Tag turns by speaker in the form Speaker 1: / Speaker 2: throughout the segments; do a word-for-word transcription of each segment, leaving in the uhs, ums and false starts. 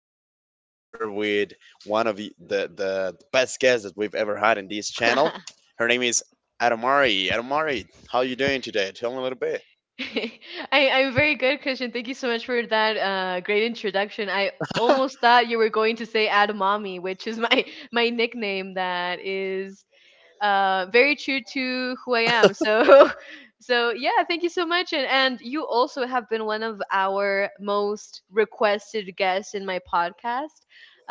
Speaker 1: again. Today we're with one of the, the, the best guests that we've ever had in this channel. Her name is Adamari. Adamari, how are you doing today? Tell me a little bit.
Speaker 2: I, I'm very good, Christian. Thank you so much for that uh, great introduction. I almost thought you were going to say Adamami, which is my my nickname that is uh, very true to who I am. So, so yeah, thank you so much. And and you also have been one of our most requested guests in my podcast.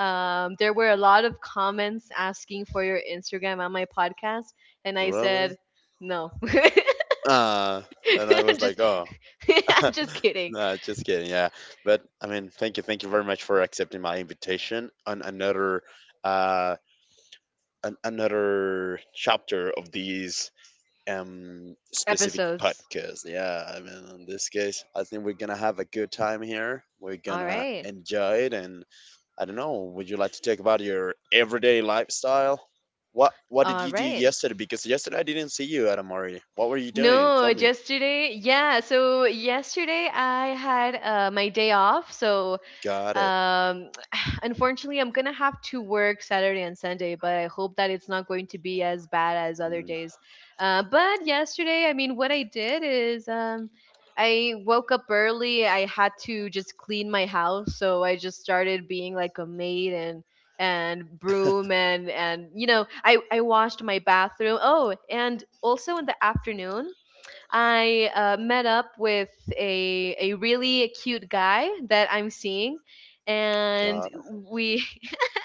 Speaker 2: Um, there were a lot of comments asking for your Instagram on my podcast, and I
Speaker 1: Really?
Speaker 2: said no.
Speaker 1: Uh, and I was
Speaker 2: just
Speaker 1: like, oh,
Speaker 2: just kidding.
Speaker 1: no, just kidding. Yeah. But I mean, thank you. Thank you very much for accepting my invitation on another, uh, an, another chapter of this um specific
Speaker 2: Episodes.
Speaker 1: podcast. Yeah, I mean in this case, I think we're gonna have a good time here. We're
Speaker 2: All
Speaker 1: gonna
Speaker 2: right.
Speaker 1: enjoy it, and I don't know. Would you like to talk about your everyday lifestyle? What What did
Speaker 2: All
Speaker 1: you do
Speaker 2: right.
Speaker 1: yesterday? Because yesterday I didn't see you at Amari. What were you doing?
Speaker 2: No,
Speaker 1: Tell me.
Speaker 2: yesterday. Yeah. So yesterday I had uh, my day off. So
Speaker 1: Got it.
Speaker 2: Um, unfortunately, I'm gonna have to work Saturday and Sunday, but I hope that it's not going to be as bad as other
Speaker 1: Mm,
Speaker 2: days. Uh, but yesterday, I mean, what I did is um, I woke up early. I had to just clean my house, so I just started being like a maid and and broom and and you know I I washed my bathroom. Oh, and also in the afternoon. I uh, met up with a a really cute guy that I'm seeing, and
Speaker 1: Got
Speaker 2: we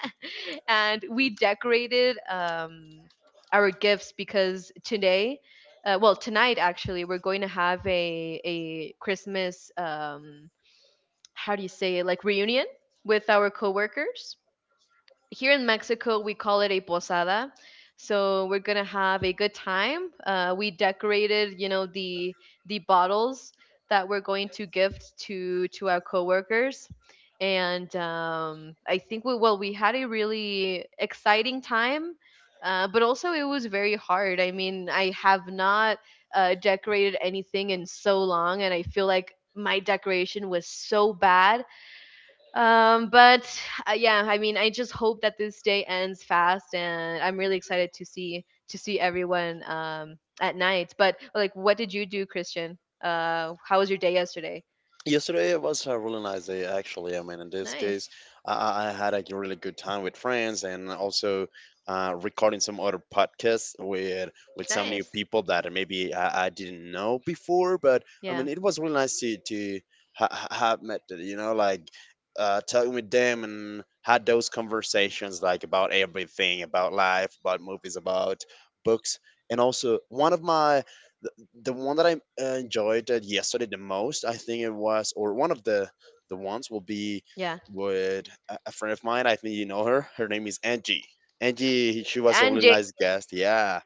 Speaker 2: and we decorated um, our gifts because today, uh, well tonight actually, we're going to have a a Christmas um, how do you say it, like, reunion with our coworkers. Here in Mexico, we call it a posada. So we're gonna have a good time. Uh, we decorated, you know, the the bottles that we're going to gift to to our coworkers, and um, I think we, well, we had a really exciting time, uh, but also it was very hard. I mean, I have not uh, decorated anything in so long, and I feel like my decoration was so bad, um, but uh, yeah, I mean, I just hope that this day ends fast, and I'm really excited to see to see everyone um, at night. But, like, what did you do, Christian? Uh, how was your day yesterday?
Speaker 1: Yesterday it was a really nice day, actually. I mean, in this case,
Speaker 2: Nice,
Speaker 1: I, I I had like, a really good time with friends and also uh, recording some other podcasts with with some new
Speaker 2: nice.
Speaker 1: people that maybe I, I didn't know before. But I mean,
Speaker 2: Yeah,
Speaker 1: it was really nice to to ha- ha- have met, you know, like uh, talking with them and had those conversations like about everything, about life, about movies, about books, and also one of my the one that I uh, enjoyed uh, yesterday the most, I think it was, or one of the the ones will be
Speaker 2: yeah.
Speaker 1: with a, a friend of mine. I think you know her. Her name is Angie. Angie, she was a
Speaker 2: And
Speaker 1: really
Speaker 2: Jake,
Speaker 1: nice guest. Yeah,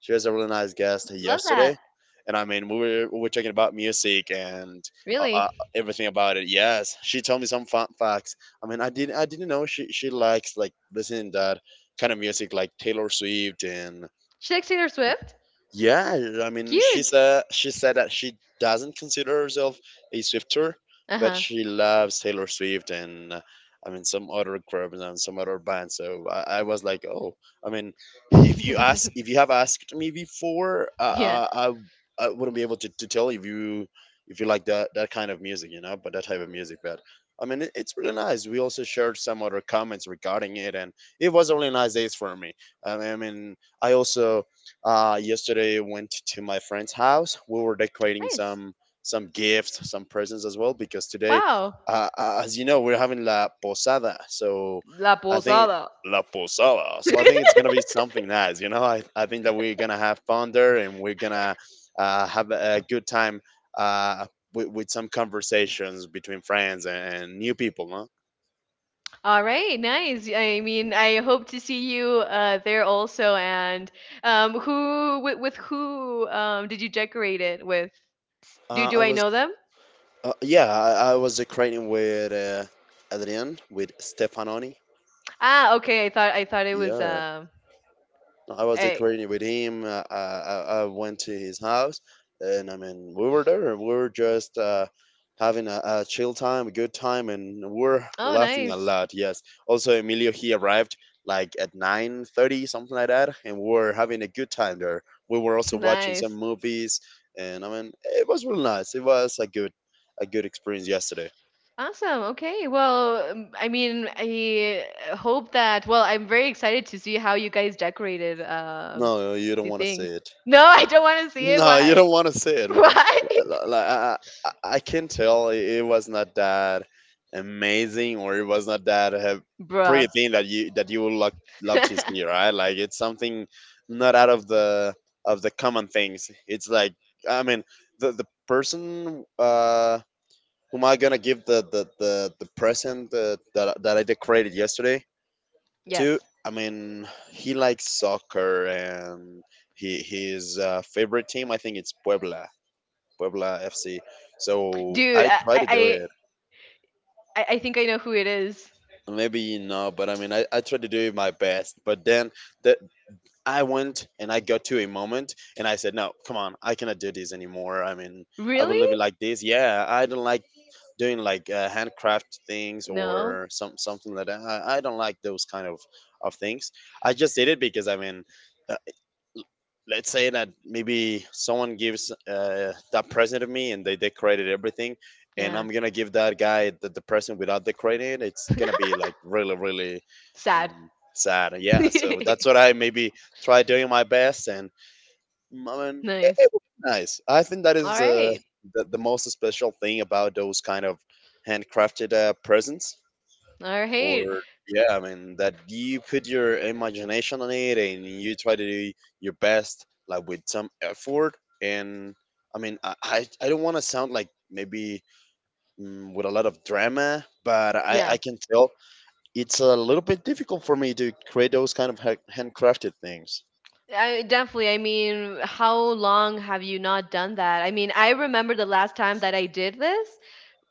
Speaker 1: she was a really nice guest
Speaker 2: love
Speaker 1: yesterday.
Speaker 2: that.
Speaker 1: And I mean, we were we were talking about music and uh, uh,
Speaker 2: Really,
Speaker 1: everything about it. Yes, she told me some fun facts. I mean, I didn't I didn't know she she likes like listening to that kind of music like Taylor Swift and
Speaker 2: she likes Taylor Swift.
Speaker 1: yeah, I mean, she
Speaker 2: Cute.
Speaker 1: said she said that she doesn't consider herself a Swifter,
Speaker 2: Uh
Speaker 1: but
Speaker 2: huh.
Speaker 1: she loves Taylor Swift and uh, I mean some other groups and some other bands. So I, I was like, oh, I mean, i- if you ask, if you have asked me before,
Speaker 2: yeah.
Speaker 1: uh, I, I I wouldn't be able to, to tell if you if you like that that kind of music, you know, but that type of music, but. I mean, it- it's really nice. We also shared some other comments regarding it, and it was really nice days for me. I mean, I also uh, yesterday went to my friend's house. We were decorating
Speaker 2: Nice.
Speaker 1: some some gifts, some presents as well because today,
Speaker 2: Wow.
Speaker 1: uh, uh, as you know, we're having la posada. So
Speaker 2: La
Speaker 1: I think
Speaker 2: posada.
Speaker 1: la posada. So I think it's gonna be something nice. You know, I I think that we're gonna have fun there and we're gonna uh, have a good time. Uh, with, with some conversations between friends and new people, no?
Speaker 2: All right, nice. I mean, I hope to see you uh, there also. And um, who with, with who um, did you decorate it with? Do
Speaker 1: Uh,
Speaker 2: do
Speaker 1: I
Speaker 2: I
Speaker 1: was,
Speaker 2: know them?
Speaker 1: uh, yeah, I, I was decorating with uh, Adrian, with Stefanoni.
Speaker 2: Ah, okay. I thought I thought it was
Speaker 1: Yeah,
Speaker 2: um.
Speaker 1: I was
Speaker 2: I,
Speaker 1: decorating with him. Uh, I, I I went to his house, and I mean, we were there. We were just uh, having a, a chill time, a good time, and we were
Speaker 2: oh,
Speaker 1: laughing a
Speaker 2: nice,
Speaker 1: lot. Yes. Also, Emilio he arrived like at nine thirty, something like that, and we were having a good time there. We were also watching some
Speaker 2: nice.
Speaker 1: movies, and I mean, it was really nice. It was a good a good experience yesterday.
Speaker 2: Awesome. Okay. Well, um, I mean, I hope that. Well, I'm very excited to see how you guys decorated um
Speaker 1: No, you don't
Speaker 2: the
Speaker 1: want to see
Speaker 2: things.
Speaker 1: it.
Speaker 2: No, I don't want to see it.
Speaker 1: No, you
Speaker 2: Why?
Speaker 1: don't want to see it.
Speaker 2: Why,
Speaker 1: Like I, I, I can tell it it was not that amazing, or it was not that uh, pretty
Speaker 2: bruh?
Speaker 1: thing that you that you would love love to see, right? Like it's something not out of the of the common things. It's like I mean the the person uh, whom I gonna give the the the, the present uh, that that I decorated yesterday to.
Speaker 2: Yes.
Speaker 1: I mean, he likes soccer and he his uh, favorite team. I think it's Puebla Puebla F C. So
Speaker 2: Dude,
Speaker 1: I
Speaker 2: I,
Speaker 1: try to do it.
Speaker 2: I I, I think I know who it is.
Speaker 1: Maybe not, but I mean, I, I tried to do my best. But then that I went and I got to a moment and I said, no, come on, I cannot do this anymore. I mean, I will
Speaker 2: Really?
Speaker 1: live it like this. Yeah, I don't like doing like uh, handcraft things
Speaker 2: No.
Speaker 1: or some something like that. I, I don't like those kind of of things. I just did it because, I mean, let's say that maybe someone gives uh, that present to me and they decorated everything, and
Speaker 2: Yeah.
Speaker 1: I'm gonna give that guy the, the present without decorating it. It's gonna be like really really
Speaker 2: Sad.
Speaker 1: um, sad. Yeah, so that's what I maybe try doing my best, and mm, I mean it, it
Speaker 2: nice.
Speaker 1: was nice. I think that
Speaker 2: All
Speaker 1: is uh,
Speaker 2: right.
Speaker 1: the, the most special thing about those kind of handcrafted uh, presents,
Speaker 2: All right.
Speaker 1: or yeah, I mean that you put your imagination on it, and you try to do your best like with some effort. And I mean i i, I don't want to sound like maybe mm, with a lot of drama, but i
Speaker 2: Yeah.
Speaker 1: i can tell it's a little bit difficult for me to create those kind of ha- handcrafted things.
Speaker 2: I definitely. I mean, how long have you not done that? I mean, I remember the last time that I did this.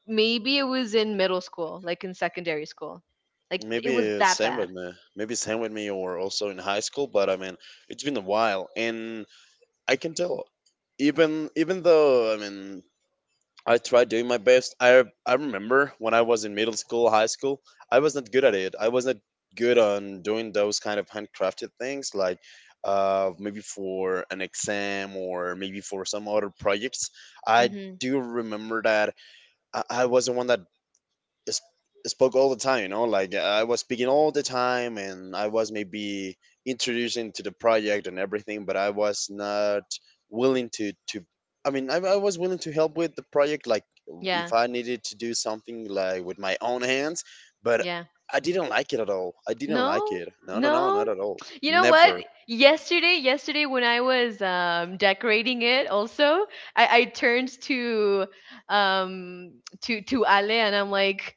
Speaker 2: Maybe it was in middle school, like in secondary school. Like it
Speaker 1: Maybe
Speaker 2: was
Speaker 1: it's
Speaker 2: that
Speaker 1: same
Speaker 2: bad.
Speaker 1: with me, maybe same with me, or also in high school, but I mean it's been a while, and I can tell, even even though I mean, I tried doing my best. I I remember when I was in middle school, high school, I was not good at it. I was not good on doing those kind of handcrafted things, like uh, maybe for an exam or maybe for some other projects. I
Speaker 2: Mhm.
Speaker 1: do remember that I, I was the one that s- spoke all the time, you know, like I was speaking all the time, and I was maybe introducing to the project and everything, but I was not willing to, to I mean, I, I was willing to help with the project, like if
Speaker 2: Yeah.
Speaker 1: I needed to do something like with my own hands, but
Speaker 2: Yeah.
Speaker 1: I didn't like it at all. I didn't like
Speaker 2: No,
Speaker 1: it. No, no, no,
Speaker 2: no.
Speaker 1: not at all.
Speaker 2: You know what?
Speaker 1: Never.
Speaker 2: Yesterday, yesterday when I was um, decorating it, also I, I turned to um to to Ale and I'm like,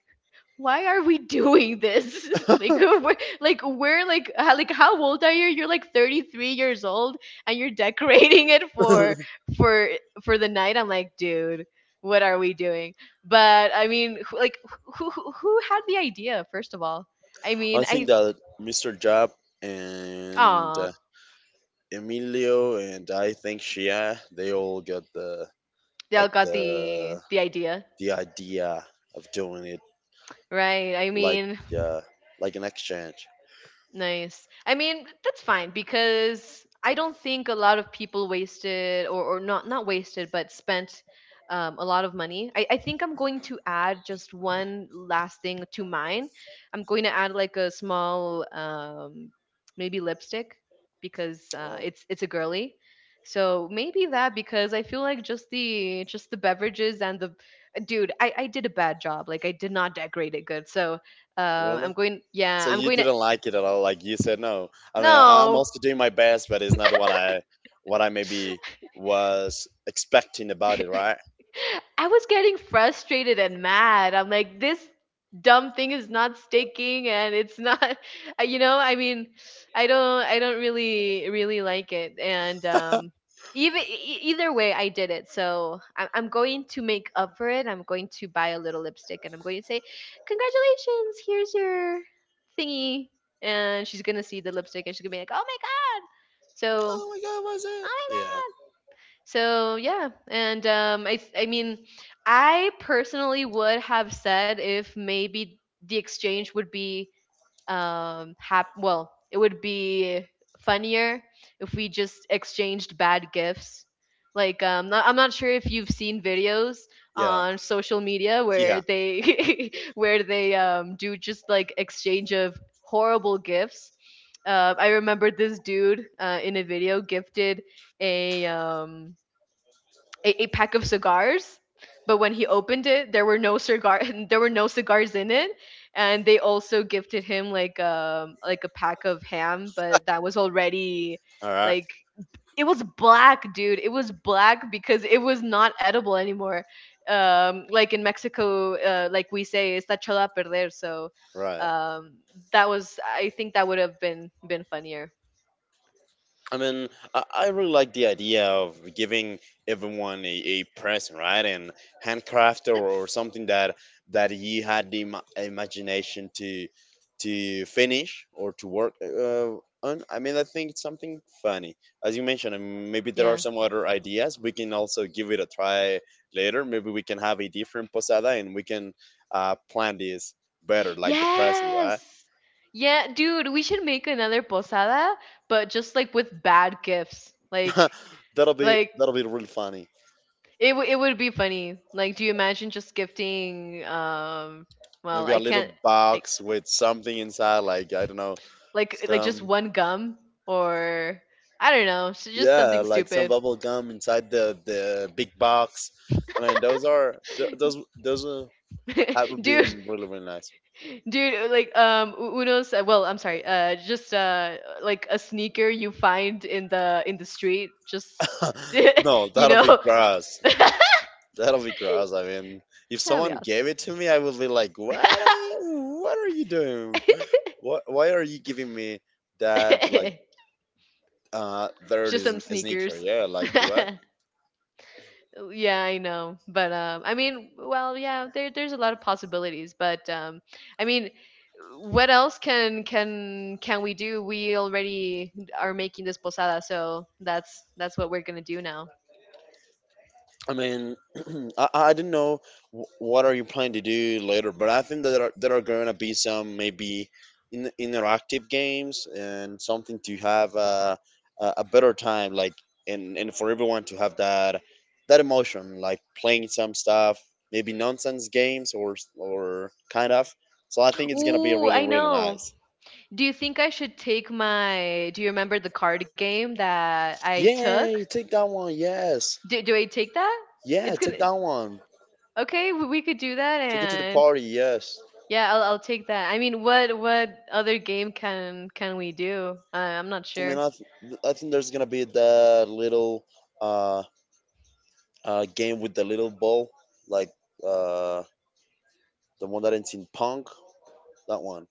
Speaker 2: why are we doing this? like we're like we're like, how, like how old are you? You're like thirty-three years old and you're decorating it for for for the night. I'm like, dude, what are we doing? But I mean, who, like, who who who had the idea first of all? I
Speaker 1: I
Speaker 2: mean,
Speaker 1: think
Speaker 2: I
Speaker 1: that Mister Job and uh,
Speaker 2: Aw,
Speaker 1: Emilio and I think Shia, they all got the
Speaker 2: they all
Speaker 1: like
Speaker 2: got the
Speaker 1: the
Speaker 2: the idea,
Speaker 1: the idea of doing it,
Speaker 2: right? I
Speaker 1: like
Speaker 2: mean,
Speaker 1: uh, like an exchange.
Speaker 2: nice. I mean, that's fine because I don't think a lot of people wasted, or, or not not wasted, but spent um, a lot of money. I, I think I'm going to add just one last thing to mine. I'm going to add like a small, um, maybe, lipstick because uh,
Speaker 1: Oh,
Speaker 2: it's it's a girly. So maybe that, because I feel like just the just the beverages and the dude, I, I did a bad job. Like I did not decorate it good. So uh, I'm
Speaker 1: really?
Speaker 2: going, yeah,
Speaker 1: So
Speaker 2: I'm
Speaker 1: you
Speaker 2: going to.
Speaker 1: didn't like it at all? Like you said no. I mean, I, I'm
Speaker 2: No.
Speaker 1: also doing my best, but it's not what I what I maybe was expecting about it, right?
Speaker 2: I was getting frustrated and mad. I'm like, this dumb thing is not sticking and it's not you know, I mean, I don't I don't really really like it, and um even e, e, either way I did it. So I'm I'm going to make up for it. I'm going to buy a little lipstick and I'm going to say, "Congratulations, here's your thingy." And she's going to see the lipstick and she's going to be like, "Oh my god." So,
Speaker 1: Oh my
Speaker 2: "Oh
Speaker 1: god, was
Speaker 2: my
Speaker 1: it? Yeah,
Speaker 2: god." So yeah, and um, I th- I mean, I personally would have said, if maybe the exchange would be, um hap- well, it would be funnier if we just exchanged bad gifts. Like, um, not, I'm not sure if you've seen videos
Speaker 1: yeah,
Speaker 2: on social media
Speaker 1: yeah.
Speaker 2: where they where they um do just, like, exchange of horrible gifts. Uh, I remember this dude, uh, in a video gifted a um a, a pack of cigars, but when he opened it there were no cigar there were no cigars in it. And they also gifted him, like, um like a pack of ham, but that was already,
Speaker 1: All right,
Speaker 2: like, it was black. Dude, it was black, because it was not edible anymore, um like in Mexico, uh, like, we say está echado a perder. So
Speaker 1: right.
Speaker 2: um that was, I think, that would have been been funnier.
Speaker 1: I mean, I, I really like the idea of giving everyone a, a present, right? And handcraft or, or
Speaker 2: That's
Speaker 1: something that that you had the ima- imagination to to finish or to work uh, on. I mean, I think it's something funny, as you mentioned. And maybe there are
Speaker 2: yeah.
Speaker 1: some other ideas. We can also give it a try later. Maybe we can have a different posada, and we can uh, plan this better, like the presents,
Speaker 2: Yes.
Speaker 1: right?
Speaker 2: Yeah, dude, we should make another posada, but just like with bad gifts. Like
Speaker 1: that'll be
Speaker 2: like
Speaker 1: that'll be really funny.
Speaker 2: it w- it would be funny. Like, do you imagine just gifting, um well,
Speaker 1: Maybe a
Speaker 2: I
Speaker 1: little
Speaker 2: can't, like
Speaker 1: box with something inside, like I don't know,
Speaker 2: like like just
Speaker 1: some
Speaker 2: one gum, or, I don't know, s- just
Speaker 1: yeah,
Speaker 2: something
Speaker 1: like some
Speaker 2: stupid.
Speaker 1: bubble gum inside the the big box. I mean, those are th- those those uh, have
Speaker 2: dude,
Speaker 1: been really really nice.
Speaker 2: dude, like, um U- Uno's, uh, well, I'm sorry. Uh just uh like a sneaker you find in the in the street, just
Speaker 1: No,
Speaker 2: you
Speaker 1: that'll be
Speaker 2: know.
Speaker 1: gross. That'll be gross. I mean, if
Speaker 2: That'd
Speaker 1: someone
Speaker 2: be
Speaker 1: gave it to me, I would be like, "What? Are you, what are you doing?
Speaker 2: awesome.
Speaker 1: What? Why are you giving me that like uh dirty
Speaker 2: Just some
Speaker 1: sn- sneaker?
Speaker 2: sneakers.
Speaker 1: Yeah, like what?
Speaker 2: yeah, I know. But um I mean, well, yeah, there there's a lot of possibilities, but um I mean, what else can can can we do? We already are making this posada, so that's that's what we're going to do now.
Speaker 1: I mean, I, I don't know wh- what are you planning to do later, but I think that there are, there are going to be some maybe in, interactive games and something to have a, a, a better time, like and, and for everyone to have that that emotion, like playing some stuff, maybe nonsense games or or kind of. So I think it's gonna be
Speaker 2: Ooh,
Speaker 1: really
Speaker 2: I
Speaker 1: really
Speaker 2: know.
Speaker 1: nice.
Speaker 2: Do you think I should take my. Do you remember the card game that I took?
Speaker 1: Yay! Take that one, yes,
Speaker 2: Do do I take that?
Speaker 1: yeah,
Speaker 2: It's going
Speaker 1: take
Speaker 2: to.
Speaker 1: that one.
Speaker 2: Okay, we we could do that,
Speaker 1: Take it to the
Speaker 2: and
Speaker 1: party, yes.
Speaker 2: yeah, I'll I'll take that. I mean, what what other game can can we do? Uh, I'm not
Speaker 1: I mean,
Speaker 2: sure.
Speaker 1: I, th- I think there's gonna be that little uh, uh, game with the little ball, like uh, the one that ends in punk. That one,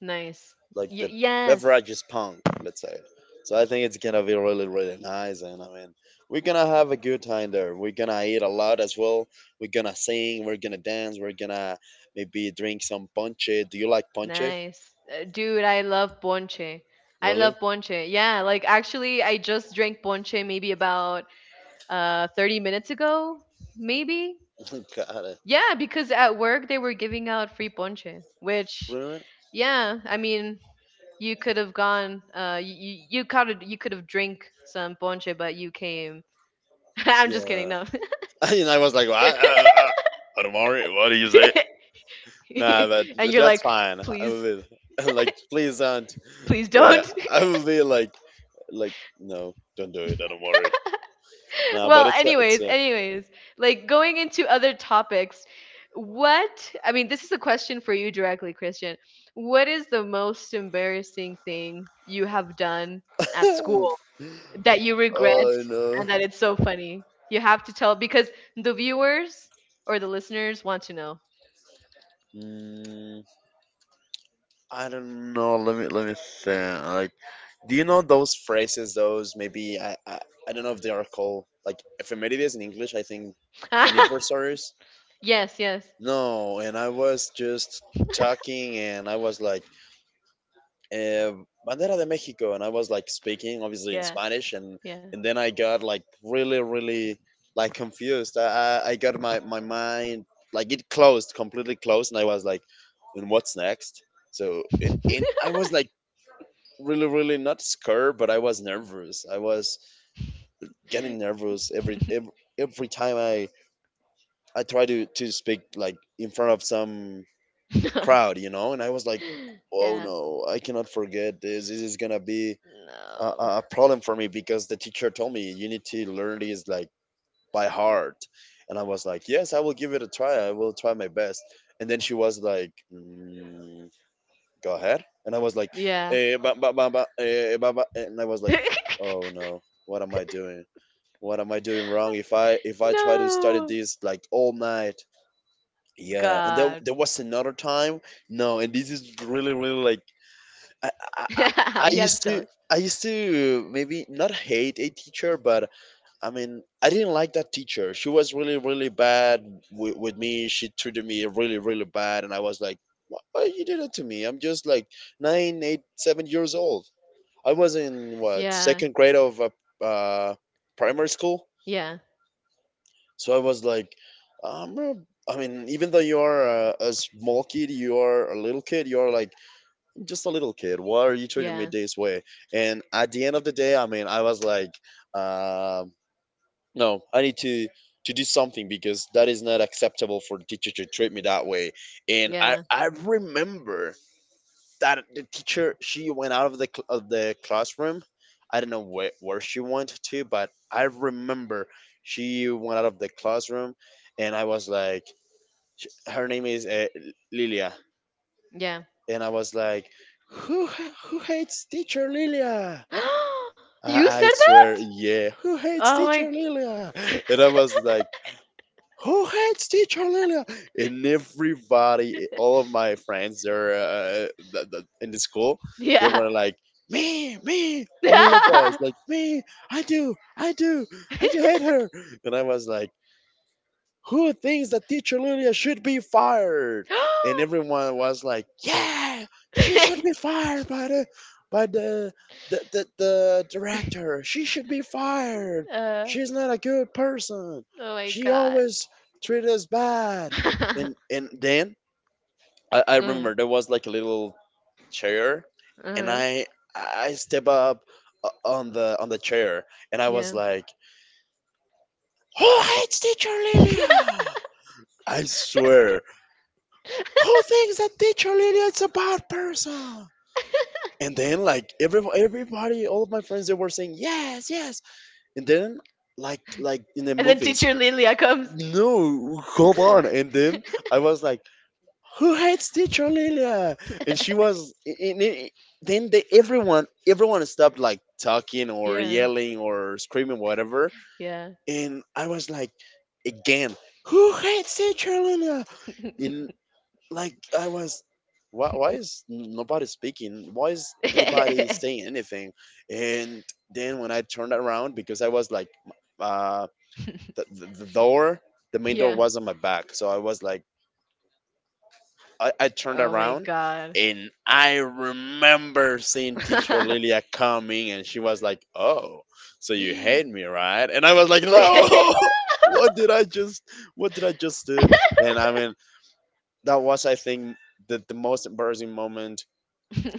Speaker 2: Nice.
Speaker 1: like
Speaker 2: Y
Speaker 1: the
Speaker 2: yes.
Speaker 1: beverage is punk, let's say. So I think it's gonna be really, really nice, and I mean, we're gonna have a good time there. We're gonna eat a lot as well. We're gonna sing. We're gonna dance. We're gonna maybe drink some ponche. Do you like ponche?
Speaker 2: Nice. Uh, dude, I love ponche. I love
Speaker 1: Really?
Speaker 2: ponche. Yeah, like, actually I just drank ponche maybe about uh thirty minutes ago, maybe.
Speaker 1: Got it.
Speaker 2: Yeah, because at work they were giving out free ponche, which,
Speaker 1: Really?
Speaker 2: yeah, I mean, you could have gone, uh you you could have you could have drink some ponche, but you came. I'm just kidding.
Speaker 1: Yeah.
Speaker 2: No.
Speaker 1: And I was like, what? Uh, uh, Omari, what do you say? Nah, but
Speaker 2: and
Speaker 1: but
Speaker 2: you're
Speaker 1: that's
Speaker 2: like,
Speaker 1: fine. I
Speaker 2: please,
Speaker 1: will. Like, please don't.
Speaker 2: please
Speaker 1: Yeah,
Speaker 2: don't.
Speaker 1: I will be like, like, no, don't do it. I don't worry. Nah, but
Speaker 2: well,
Speaker 1: it's a, it's
Speaker 2: anyways,
Speaker 1: a.
Speaker 2: anyways, like, going into other topics, what, I mean, this is a question for you directly, Christian. What is the most embarrassing thing you have done at school, that you regret
Speaker 1: Oh no.
Speaker 2: and that it's so funny? You have to tell because the viewers or the listeners want to know.
Speaker 1: Mm, I don't know. Let me let me think. Like, do you know those phrases? Those maybe I I, I don't know if they are called like ephemerides in English. I think anniversaries.
Speaker 2: yes, yes.
Speaker 1: No, and I was just talking, and I was like, uh, Bandera de Mexico, and I was like speaking obviously in
Speaker 2: Yeah,
Speaker 1: Spanish, and
Speaker 2: yeah.
Speaker 1: and then I got like really really like confused. I I, I got my my mind, like it closed, completely closed, and I was like, and what's next? So in in I was like really really not scared, but I was nervous. I was getting nervous every every, every time I I try to to speak like in front of some crowd, you know, and I was like. Oh
Speaker 2: yeah.
Speaker 1: no! I cannot forget this. This is gonna be a,
Speaker 2: No.
Speaker 1: a problem for me, because the teacher told me, "You need to learn these like by heart," and I was like, "Yes, I will give it a try. I will try my best." And then she was like, "Mm, go ahead," and I was like,
Speaker 2: Yeah.
Speaker 1: "Eh, ba, ba, ba, ba, eh, ba, ba." And I was like, oh no, what am I doing? What am I doing wrong if i if i try to study
Speaker 2: No.
Speaker 1: this like all night? Yeah. And then
Speaker 2: God.
Speaker 1: there was another time. No, and this is really really like, I, I,
Speaker 2: You
Speaker 1: I I
Speaker 2: have
Speaker 1: used
Speaker 2: to tell
Speaker 1: to
Speaker 2: us.
Speaker 1: I used to maybe not hate a teacher, but I mean I didn't like that teacher. She was really really bad with, with me. She treated me really really bad, and I was like, why, why you did it to me? I'm just like nine, eight, seven years old. I was in what,
Speaker 2: Yeah.
Speaker 1: second grade of uh, uh, primary school,
Speaker 2: Yeah.
Speaker 1: so I was like, um, I mean, even though you are a, a small kid, you are a little kid, you are like just a little kid. Why are you treating me
Speaker 2: Yeah.
Speaker 1: this way? And at the end of the day, I mean, I was like, um, no, I need to to do something, because that is not acceptable for the teacher to treat me that way. And I
Speaker 2: Yeah.
Speaker 1: I remember that the teacher, she went out of the cl- of the classroom. I don't know where, where she went to, but I remember she went out of the classroom, and I was like, sh- her name is uh, Lilia.
Speaker 2: Yeah.
Speaker 1: And I was like, "Who ha- who hates teacher Lilia?"
Speaker 2: You
Speaker 1: I, I
Speaker 2: said
Speaker 1: swear,
Speaker 2: that?
Speaker 1: yeah, who hates
Speaker 2: Oh my.
Speaker 1: teacher Lilia? And I was like, "Who hates teacher Lilia?" And everybody, all of my friends, there, uh, th- th- in the school, they
Speaker 2: Yeah.
Speaker 1: were like, me, me, all of us, like, me, I do, I do, I do hate her. And I was like, who thinks that teacher Lilia should be fired? And everyone was like, yeah, she should be fired by the by the the, the, the director. She should be fired.
Speaker 2: Uh,
Speaker 1: She's not a good person.
Speaker 2: oh my
Speaker 1: She
Speaker 2: God.
Speaker 1: always treat us bad. And and then I, I
Speaker 2: Mm,
Speaker 1: remember there was like a little chair, and
Speaker 2: uh-huh.
Speaker 1: I I step up uh, on the on the chair, and I was
Speaker 2: Yeah.
Speaker 1: like, "Who hates teacher Lilia? I swear. Who thinks that teacher Lilia is a bad person?" And then like every everybody, all of my friends, they were saying yes, yes. And then like like in the
Speaker 2: And then
Speaker 1: movies,
Speaker 2: teacher Lilia comes.
Speaker 1: no, hold on. And then I was like, who hates teacher Lilia? And she was. And it, then they, everyone everyone stopped, like talking or
Speaker 2: Yeah.
Speaker 1: yelling or screaming, whatever.
Speaker 2: Yeah.
Speaker 1: And I was like, again, who hates teacher Lilia? And like I was, why, why is n- nobody speaking? Why is anybody saying anything? And then when I turned around, because I was like, uh, the, the, the door, the main door
Speaker 2: Yeah.
Speaker 1: was on my back, so I was like, I, I turned
Speaker 2: Oh my
Speaker 1: around.
Speaker 2: God.
Speaker 1: And I remember seeing teacher Lilia coming, and she was like, "Oh, so you hate me, right?" And I was like, "No, what did I just, what did I just do?" And I mean, that was, I think, the, the most embarrassing moment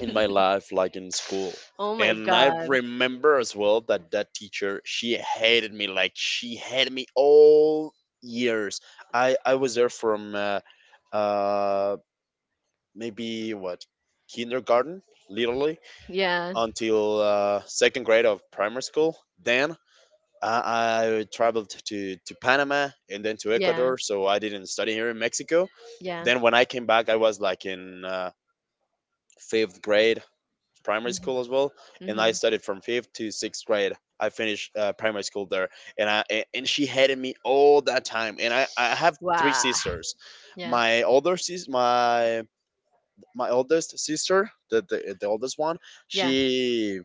Speaker 1: in my life, like in school.
Speaker 2: Oh my
Speaker 1: And I
Speaker 2: God.
Speaker 1: remember as well that that teacher, she hated me, like she hated me all years. I i was there from uh, uh maybe what, kindergarten, literally,
Speaker 2: Yeah.
Speaker 1: until uh, second grade of primary school. Then I, I traveled to to Panama, and then to
Speaker 2: Yeah.
Speaker 1: Ecuador, so I didn't study here in Mexico.
Speaker 2: Yeah.
Speaker 1: Then when I came back, I was like in uh, fifth grade, primary
Speaker 2: Mhm.
Speaker 1: school as well, and I
Speaker 2: Mhm.
Speaker 1: studied from fifth to sixth grade. I finished uh, primary school there, and I a- and she hated me all that time. And I, I have three
Speaker 2: Wow.
Speaker 1: sisters.
Speaker 2: Yeah.
Speaker 1: My older sis, my my oldest sister, the, the the oldest one,
Speaker 2: Yeah.
Speaker 1: she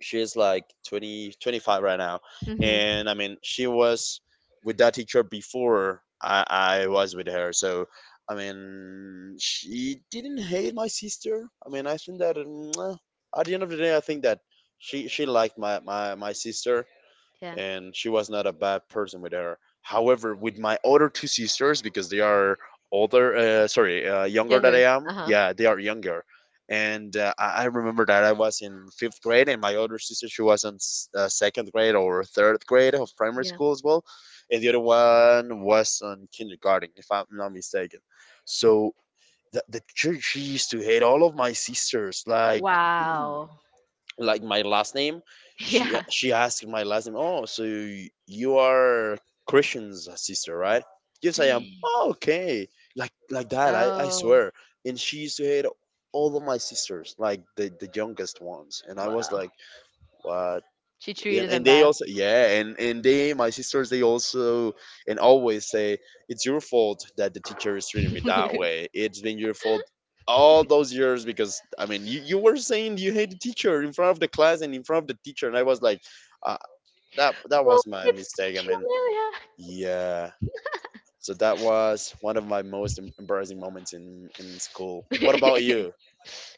Speaker 1: she is like twenty twenty-five right now,
Speaker 2: Mhm.
Speaker 1: and I mean she was with that teacher before i i was with her. So I mean she didn't hate my sister. I mean I think that um, at the end of the day, I think that she she liked my my, my sister,
Speaker 2: Yeah.
Speaker 1: and she was not a bad person with her. However, with my other two sisters, because they are older, uh, sorry, uh, younger than I
Speaker 2: Younger.
Speaker 1: am,
Speaker 2: Uh-huh.
Speaker 1: yeah, they are younger. And uh, I I remember that I was in fifth grade, and my older sister, she was in s- uh, second grade or third grade of primary
Speaker 2: Yeah.
Speaker 1: school as well, and the other one was on kindergarten, if I'm not mistaken. So the the church, she used to hate all of my sisters, like,
Speaker 2: Wow.
Speaker 1: like my last name. she
Speaker 2: Yeah.
Speaker 1: she asked my last name. "Oh, so y- you are Christian's sister, right?" "Yes, I am." "Oh, okay." Like like that, I, I
Speaker 2: Oh,
Speaker 1: swear. And she used to hate all of my sisters, like the the youngest ones, and I was
Speaker 2: wow.
Speaker 1: like, what?
Speaker 2: She
Speaker 1: and,
Speaker 2: treated them
Speaker 1: and they
Speaker 2: bad.
Speaker 1: also, yeah, and and they, my sisters, they also, and always say, it's your fault that the teacher is treating me that way, it's been your fault all those years, because I mean you, you were saying you hate the teacher in front of the class and in front of the teacher. And I was like, uh, that that
Speaker 2: Oh,
Speaker 1: was my
Speaker 2: it's
Speaker 1: mistake, I
Speaker 2: teacher
Speaker 1: mean. Yeah. So that was one of my most em- embarrassing moments in in school. What about
Speaker 2: Amelia.
Speaker 1: you?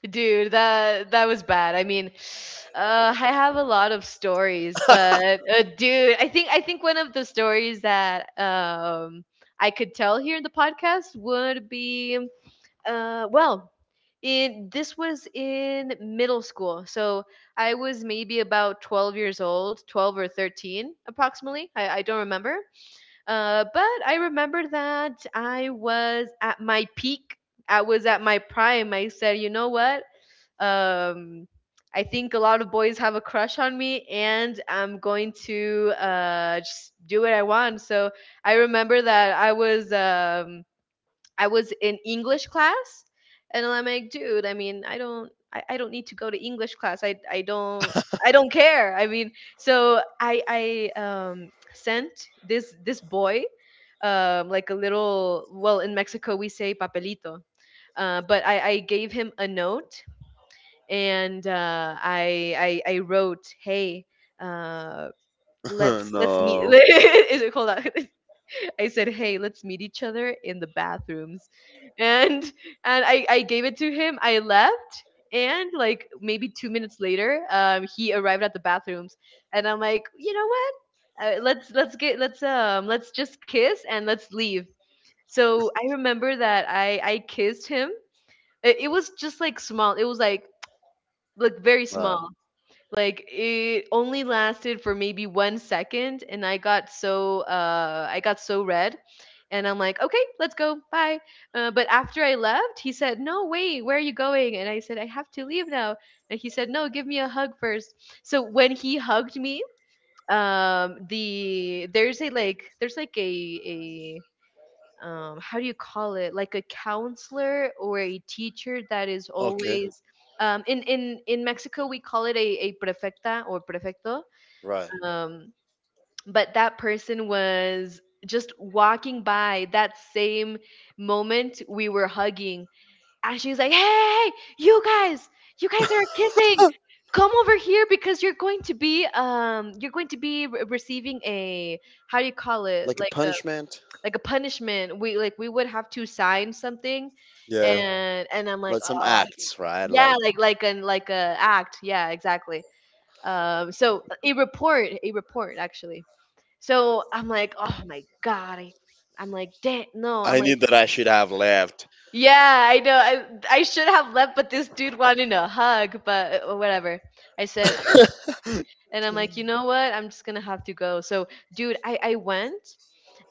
Speaker 2: Dude, that that was bad. I mean, uh, I have a lot of stories, but uh, dude, I think I think one of the stories that um I could tell here in the podcast would be, uh well, in this was in middle school. So I was maybe about twelve years old, twelve or thirteen approximately. I, I don't remember. Uh, but I remember that I was at my peak. I was at my prime. I said, you know what? Um, I think a lot of boys have a crush on me, and I'm going to, uh, just do what I want. So I remember that I was um, I was in English class, and I'm like, dude, I mean, I don't I, I don't need to go to English class. I I don't I don't care. I mean, so I I um, sent this this boy um, like a little, well, in Mexico we say papelito. Uh, but I, I gave him a note, and uh, I, I I wrote, "Hey, uh, let's let's meet."
Speaker 1: No.
Speaker 2: Is it, hold on? I said, "Hey, let's meet each other in the bathrooms," and and I I gave it to him. I left, and like maybe two minutes later, um, he arrived at the bathrooms, and I'm like, you know what? Uh, let's let's get let's um let's just kiss and let's leave. So I remember that I I kissed him. It, it was just like small. It was like like very
Speaker 1: Right.
Speaker 2: small. Like it only lasted for maybe one second and I got so uh I got so red, and I'm like, "Okay, let's go. Bye." Uh, but after I left, he said, "No, wait. Where are you going?" And I said, "I have to leave now." And he said, "No, give me a hug first." So when he hugged me, um the there's a like there's like a um, how do you call it, like a counselor or a teacher that is
Speaker 1: Okay.
Speaker 2: always, um, in in in Mexico we call it a, a prefecta or prefecto.
Speaker 1: Right.
Speaker 2: um, but that person was just walking by that same moment we were hugging, and she's like, "Hey, hey, hey, you guys, you guys are kissing, come over here because you're going to be um you're going to be re- receiving a," how do you call it,
Speaker 1: Like a
Speaker 2: like—
Speaker 1: punishment.
Speaker 2: like a punishment. We, like, we would have to sign something. Yeah.
Speaker 1: Yeah,
Speaker 2: and and I'm like,
Speaker 1: like some
Speaker 2: oh,
Speaker 1: acts, right?
Speaker 2: yeah,
Speaker 1: Like,
Speaker 2: like like an, like a act. Yeah, exactly. Um, so a report, a report actually. So I'm like, oh my god, I— I'm like, damn, no, I'm
Speaker 1: I knew
Speaker 2: like,
Speaker 1: that I should have left.
Speaker 2: yeah, I know, I— I should have left, but this dude wanted a hug, but uh, whatever. I said— and I'm like, you know what, I'm just gonna have to go. So dude, I I went.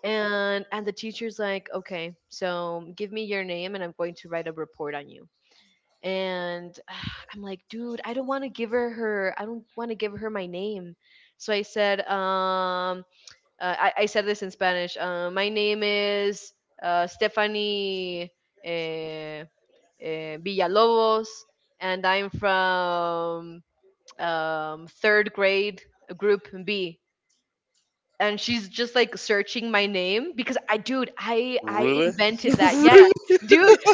Speaker 2: and and the teacher's like, "Okay, so give me your name and I'm going to write a report on you." And I'm like, dude, I don't want to give her her I don't want to give her my name. So I said, um uh, I, I said this in Spanish, uh, "My name is uh, Stephanie, eh, eh, Villalobos, and I'm from, um, third grade, group B." And she's just like searching my name because, I, dude, I I
Speaker 1: Really?
Speaker 2: invented that. Yeah.
Speaker 1: Really?
Speaker 2: Dude.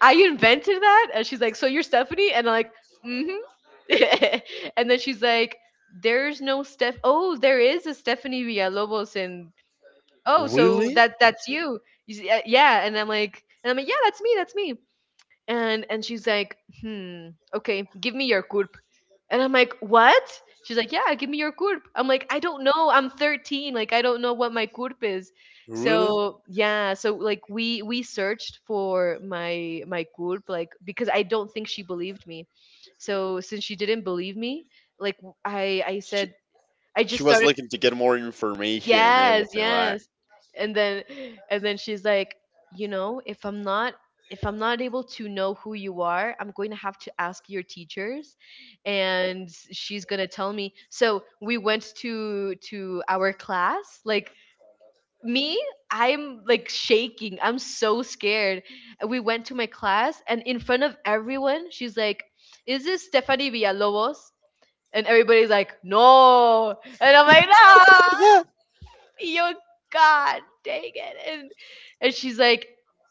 Speaker 2: I invented that. And she's like, "So you're Stephanie?" And I'm like, "Mhm." And then she's like, "There's no Steph. Oh, there is a Stephanie Villalobos, and oh, so that
Speaker 1: Really?
Speaker 2: that's you." You see, uh, yeah, and I'm like, and I'm like, "Yeah, that's me. That's me." and and she's like, "Hmm, okay, give me your CURP." And I'm like, "What?" She's like, "Yeah, give me your CURP." I'm like, I don't know, I'm thirteen, like I don't know what my CURP is.
Speaker 1: Really?
Speaker 2: So yeah, so like we we searched for my my CURP, like because I don't think she believed me. So since she didn't believe me, like, i i
Speaker 1: She
Speaker 2: said, I
Speaker 1: she
Speaker 2: just
Speaker 1: was
Speaker 2: started—
Speaker 1: looking to get more information and
Speaker 2: Yes,
Speaker 1: everything, right?
Speaker 2: yes. And then, and then she's like, you know, if I'm not— if I'm not able to know who you are, I'm going to have to ask your teachers and she's going to tell me. So, we went to to our class. Like, me, I'm like shaking. I'm so scared. We went to my class and in front of everyone, she's like, "Is this Stephanie Villalobos?" And everybody's like, "No." And I'm like, "No."
Speaker 1: Yeah,
Speaker 2: Your— God, dang it. And and she's like,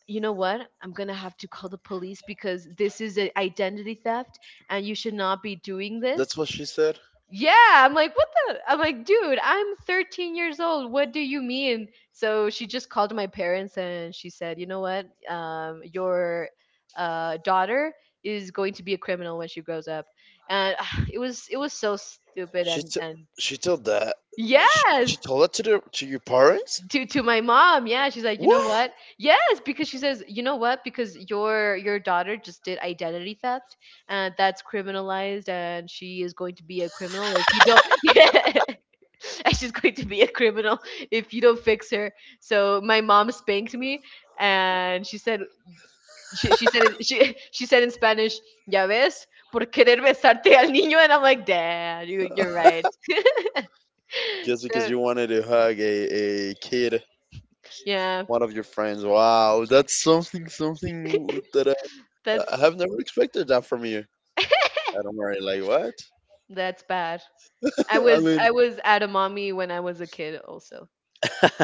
Speaker 2: you know what? I'm gonna have to call the police because this is an identity theft and you should not be doing this.
Speaker 1: that's what she said.
Speaker 2: Yeah, I'm like, what the? I'm like, dude, I'm thirteen years old. What do you mean? So she just called my parents and she said, you know what? Um, your, uh, daughter is going to be a criminal when she grows up. And ah, it was it was so stupid,
Speaker 1: She
Speaker 2: and
Speaker 1: t-
Speaker 2: and
Speaker 1: she told that, she, she
Speaker 2: yes,
Speaker 1: told that to the to your parents.
Speaker 2: to to my mom, yeah, she's like, you know
Speaker 1: What?
Speaker 2: what, yes, because she says, you know what, because your your daughter just did identity theft, and that's criminalized and she is going to be a criminal if you don't— yeah, and she's going to be a criminal if you don't fix her. So my mom spanked me and she said— she, she said it— she, she said in Spanish, "Ya ves, por querer besarte al niño," and I'm like, "Dad, you, you're right."
Speaker 1: Just because
Speaker 2: So
Speaker 1: you wanted to hug a, a kid,
Speaker 2: yeah,
Speaker 1: one of your friends. Wow, that's something something that I, I
Speaker 2: that's—
Speaker 1: have never expected that from you. And I'm already like, what?
Speaker 2: that's bad. I
Speaker 1: I
Speaker 2: was
Speaker 1: mean,
Speaker 2: I was at a mommy when I was a kid also.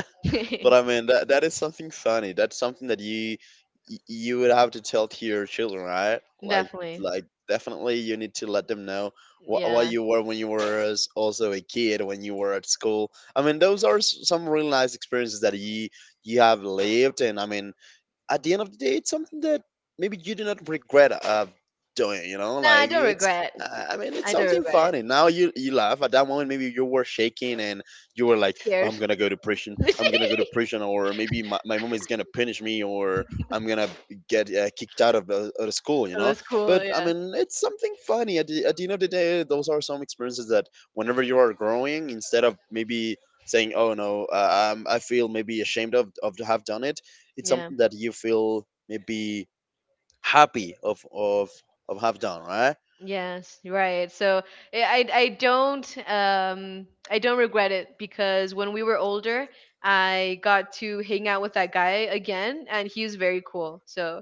Speaker 1: but I mean that that is something funny. That's something that you y- you would have to tell to your children, right? Like
Speaker 2: Definitely.
Speaker 1: like definitely you need to let them know what what
Speaker 2: Yeah.
Speaker 1: you were when you were, as also, a kid when you were at school. I mean, those are s- some real nice experiences that you you have lived, and I mean at the end of the day, it's something that maybe you do not regret uh, doing. You know,
Speaker 2: Nah, I
Speaker 1: like
Speaker 2: don't
Speaker 1: it's.
Speaker 2: regret.
Speaker 1: I I mean, it's
Speaker 2: I don't
Speaker 1: something
Speaker 2: regret it.
Speaker 1: funny. Now you you laugh at that moment. Maybe you were shaking and you were like, "I'm
Speaker 2: Scared.
Speaker 1: gonna go to prison. I'm gonna go to
Speaker 2: It
Speaker 1: prison," or maybe my, my mom is gonna punish me, or I'm gonna get uh, kicked out of the, of the school. You know,
Speaker 2: was cool,
Speaker 1: but I
Speaker 2: yeah.
Speaker 1: mean, it's something funny. At the, at the end of the day, those are some experiences that whenever you are growing, instead of maybe saying, "Oh no, uh, um, I feel maybe ashamed of of to have done it," it's
Speaker 2: Yeah.
Speaker 1: something that you feel maybe happy of of of have done, right?
Speaker 2: Yes, right. So I— I I don't um I don't regret it because when we were older, I got to hang out with that guy again, and he was very cool. So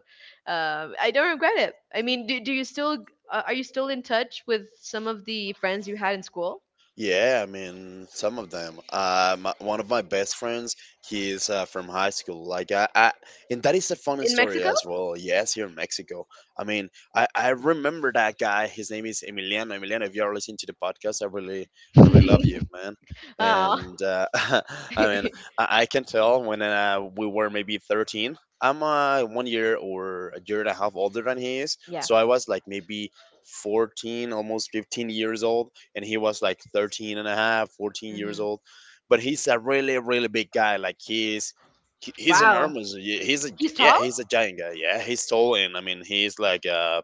Speaker 2: um I don't regret it. I mean, do— do you still, uh, are you still in touch with some of the friends you had in school
Speaker 1: Yeah, I mean, some of them. Uh, my, one of my best friends, he's uh, from high school. Like, I, I, and that is a funny
Speaker 2: in
Speaker 1: story
Speaker 2: Mexico?
Speaker 1: as well. Yes, here in Mexico. I mean, I, I remember that guy. His name is Emiliano. Emiliano, if you are listening to the podcast, I really, I really love you, man.
Speaker 2: Oh,
Speaker 1: And uh, I mean, I, I can tell, when uh, we were maybe thirteen, I'm uh, one year or a year and a half older than he is.
Speaker 2: yeah.
Speaker 1: So I was like maybe fourteen, almost fifteen years old, and he was like thirteen and a half, fourteen years
Speaker 2: Hmm.
Speaker 1: old, but he's a really really big guy. Like he's he- he's
Speaker 2: Wow,
Speaker 1: enormous. Yeah, he's a
Speaker 2: he's
Speaker 1: yeah
Speaker 2: tall.
Speaker 1: he's a giant guy. Yeah, he's tall. And I mean, he's like uh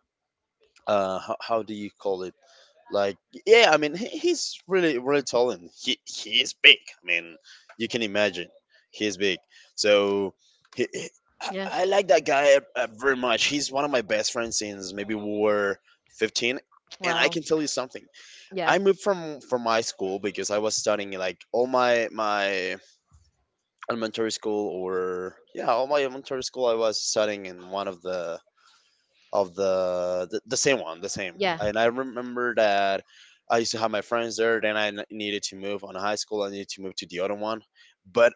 Speaker 1: uh how, how do you call it, like, yeah, I mean, he, he's really really tall, and he he is big. I mean, you can imagine, he's big. So he, he- I,
Speaker 2: Yeah.
Speaker 1: I like that guy uh, uh, very much. He's one of my best friends since maybe we were fifteen. And I
Speaker 2: Wow.
Speaker 1: can tell you something.
Speaker 2: Yeah.
Speaker 1: I moved from from my school because I was studying like all my my elementary school, or yeah, all my elementary school I was studying in one of the of the the, the same one, the same.
Speaker 2: Yeah.
Speaker 1: And I remember that I used to have my friends there. Then I n- needed to move on high school, I needed to move to the other one. But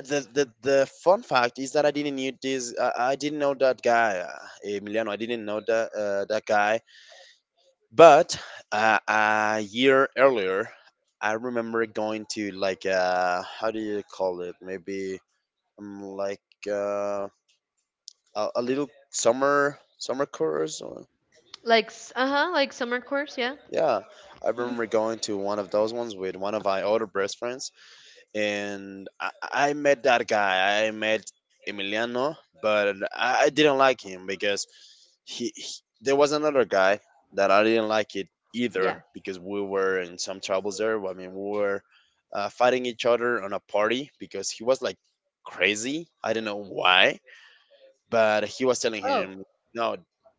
Speaker 1: the the, the fun fact is that I didn't need this. I, I didn't know that guy, uh, Emiliano. I didn't know that uh, that guy. But uh, a year earlier, I remember going to like uh, how do you call it? Maybe um, like, uh, a, a little summer summer course. Or,
Speaker 2: Like, uh huh. Like summer course. Yeah.
Speaker 1: yeah, I
Speaker 2: Mhm.
Speaker 1: remember going to one of those ones with one of my older best friends, and I, I met that guy. I met Emiliano, but I, I didn't like him because he, he there was another guy that I didn't like it
Speaker 2: Yeah.
Speaker 1: either, because we were in some troubles there. I mean, we were uh, fighting each other on a party because he was like crazy. I don't know why, but he was telling
Speaker 2: Oh,
Speaker 1: him, no,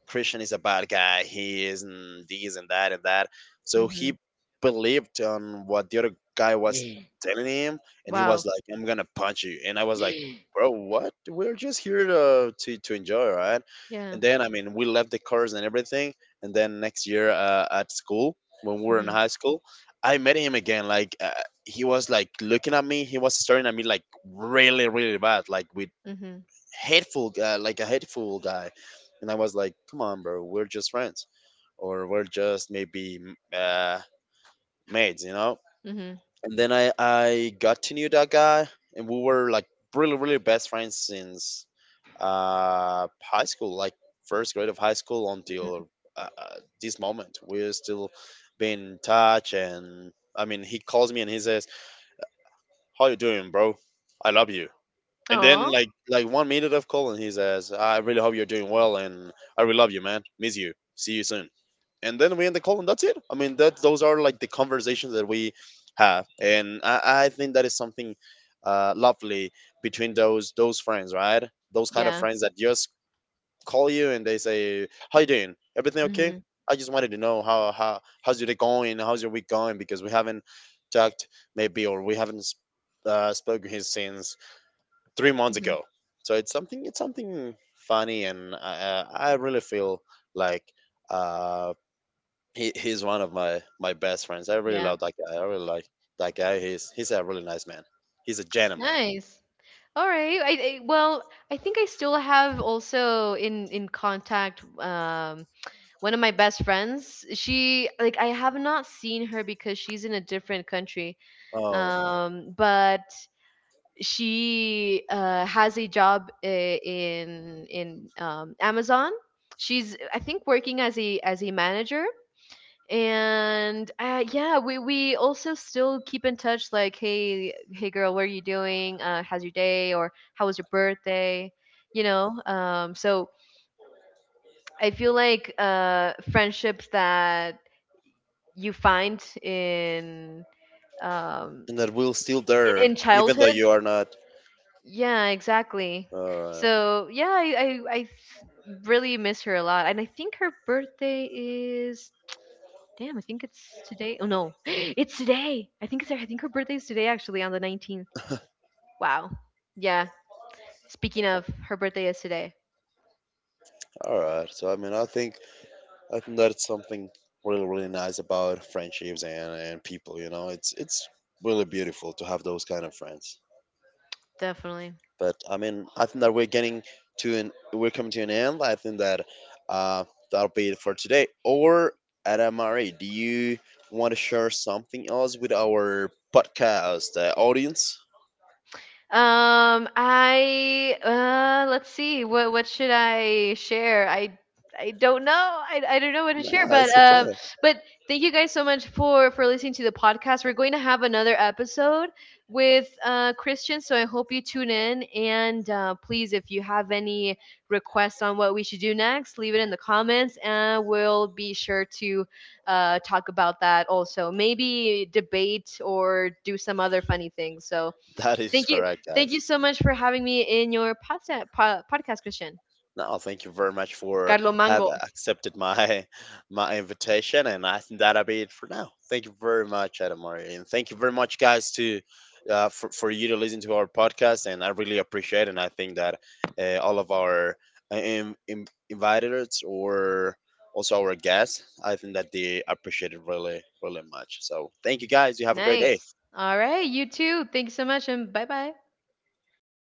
Speaker 1: Christian is a bad guy. He is, and this and that and that. So
Speaker 2: Mhm.
Speaker 1: he believed on what the other guy was telling him, and he was
Speaker 2: Wow.
Speaker 1: like, I'm gonna punch you. And I was like, bro, what? We're just here to to, to enjoy, right?
Speaker 2: Yeah.
Speaker 1: And then I mean, we left the cars and everything. And then next year uh, at school, when we were in
Speaker 2: Mhm.
Speaker 1: high school, I met him again. Like uh, he was like looking at me. He was staring at me like really, really bad, like with
Speaker 2: Mhm.
Speaker 1: hateful guy, like a hateful guy. And I was like, come on, bro, we're just friends, or we're just maybe m- uh, mates, you know.
Speaker 2: Mhm.
Speaker 1: And then I I got to know that guy, and we were like really really best friends since uh, high school, like first grade of high school
Speaker 2: Mhm.
Speaker 1: until uh, uh, this moment. We're still being in touch, and I mean, he calls me and he says, "How you doing, bro? I love you." And then
Speaker 2: Oh,
Speaker 1: like like one minute of call, and he says, I really hope you're doing well, and I really love you, man. Miss you. See you soon. And then we end the call, and that's it. I mean, that those are like the conversations that we have. And I, I think that is something uh, lovely between those those friends, right? Those kind of
Speaker 2: yeah.
Speaker 1: friends that just call you and they say, how you doing? Everything okay?
Speaker 2: Mhm.
Speaker 1: I just wanted to know how, how how's your day going, how's your week going, because we haven't talked maybe, or we haven't uh, spoken since three months
Speaker 2: Mhm.
Speaker 1: ago. So it's something, it's something funny, and I, I really feel like uh, he he's one of my my best friends. I really
Speaker 2: Yeah.
Speaker 1: love that guy. I really like that guy. He's he's a really nice man. He's a gentleman.
Speaker 2: Nice. All right. I— I, well, I think I still have also in— in contact, um one of my best friends. She, like, I have not seen her because she's in a different country.
Speaker 1: Oh,
Speaker 2: Um, but she, uh, has a job, uh, in in um, Amazon. She's, I think, working as a as a manager. And uh, yeah, we we also still keep in touch. Like, hey, hey, girl, what are you doing? Uh, how's your day? Or how was your birthday? You know. Um, so I feel like, uh, friendships that you find in, um,
Speaker 1: and that will still
Speaker 2: in,
Speaker 1: there,
Speaker 2: in
Speaker 1: even though
Speaker 2: childhood—
Speaker 1: you are not.
Speaker 2: Yeah, exactly.
Speaker 1: All right,
Speaker 2: So yeah, I— I I th- really miss her a lot, and I think her birthday is— damn. I think it's today. Oh no, it's today. I think it's— I think her birthday is today actually, on the nineteenth. Wow. Yeah. Speaking of, her birthday is today.
Speaker 1: all right. So I mean, I think I think that's something really really nice about friendships and and people. You know, it's it's really beautiful to have those kind of friends.
Speaker 2: Definitely.
Speaker 1: But I mean, I think that we're getting to an we're coming to an end. I think that uh, that'll be it for today. Or Adam Marie, do you want to share something else with our podcast uh, audience?
Speaker 2: Um, I, uh, let's see. What what should I share? I— I don't know. I, I don't know what to share.
Speaker 1: No,
Speaker 2: But
Speaker 1: it's
Speaker 2: um,
Speaker 1: okay.
Speaker 2: but thank you guys so much for for listening to the podcast. We're going to have another episode with uh Christian, so I hope you tune in. And uh, please, if you have any requests on what we should do next, leave it in the comments, and we'll be sure to uh talk about that also. Maybe debate or do some other funny things. So—
Speaker 1: That is
Speaker 2: Thank you.
Speaker 1: correct,
Speaker 2: Thank you
Speaker 1: guys.
Speaker 2: so much for having me in your podcast, po- podcast, Christian.
Speaker 1: No, thank you very much for
Speaker 2: Carlo
Speaker 1: have
Speaker 2: Mango.
Speaker 1: accepted my my invitation, and I think that'll be it for now. Thank you very much, Adamari, and thank you very much, guys, to uh, for for you to listen to our podcast, and I really appreciate, it, and I think that uh, all of our uh, in, in, invited or also our guests, I think that they appreciate it really really much. So thank you, guys. You have a great day.
Speaker 2: Nice. All right. You too. Thanks so much and bye bye.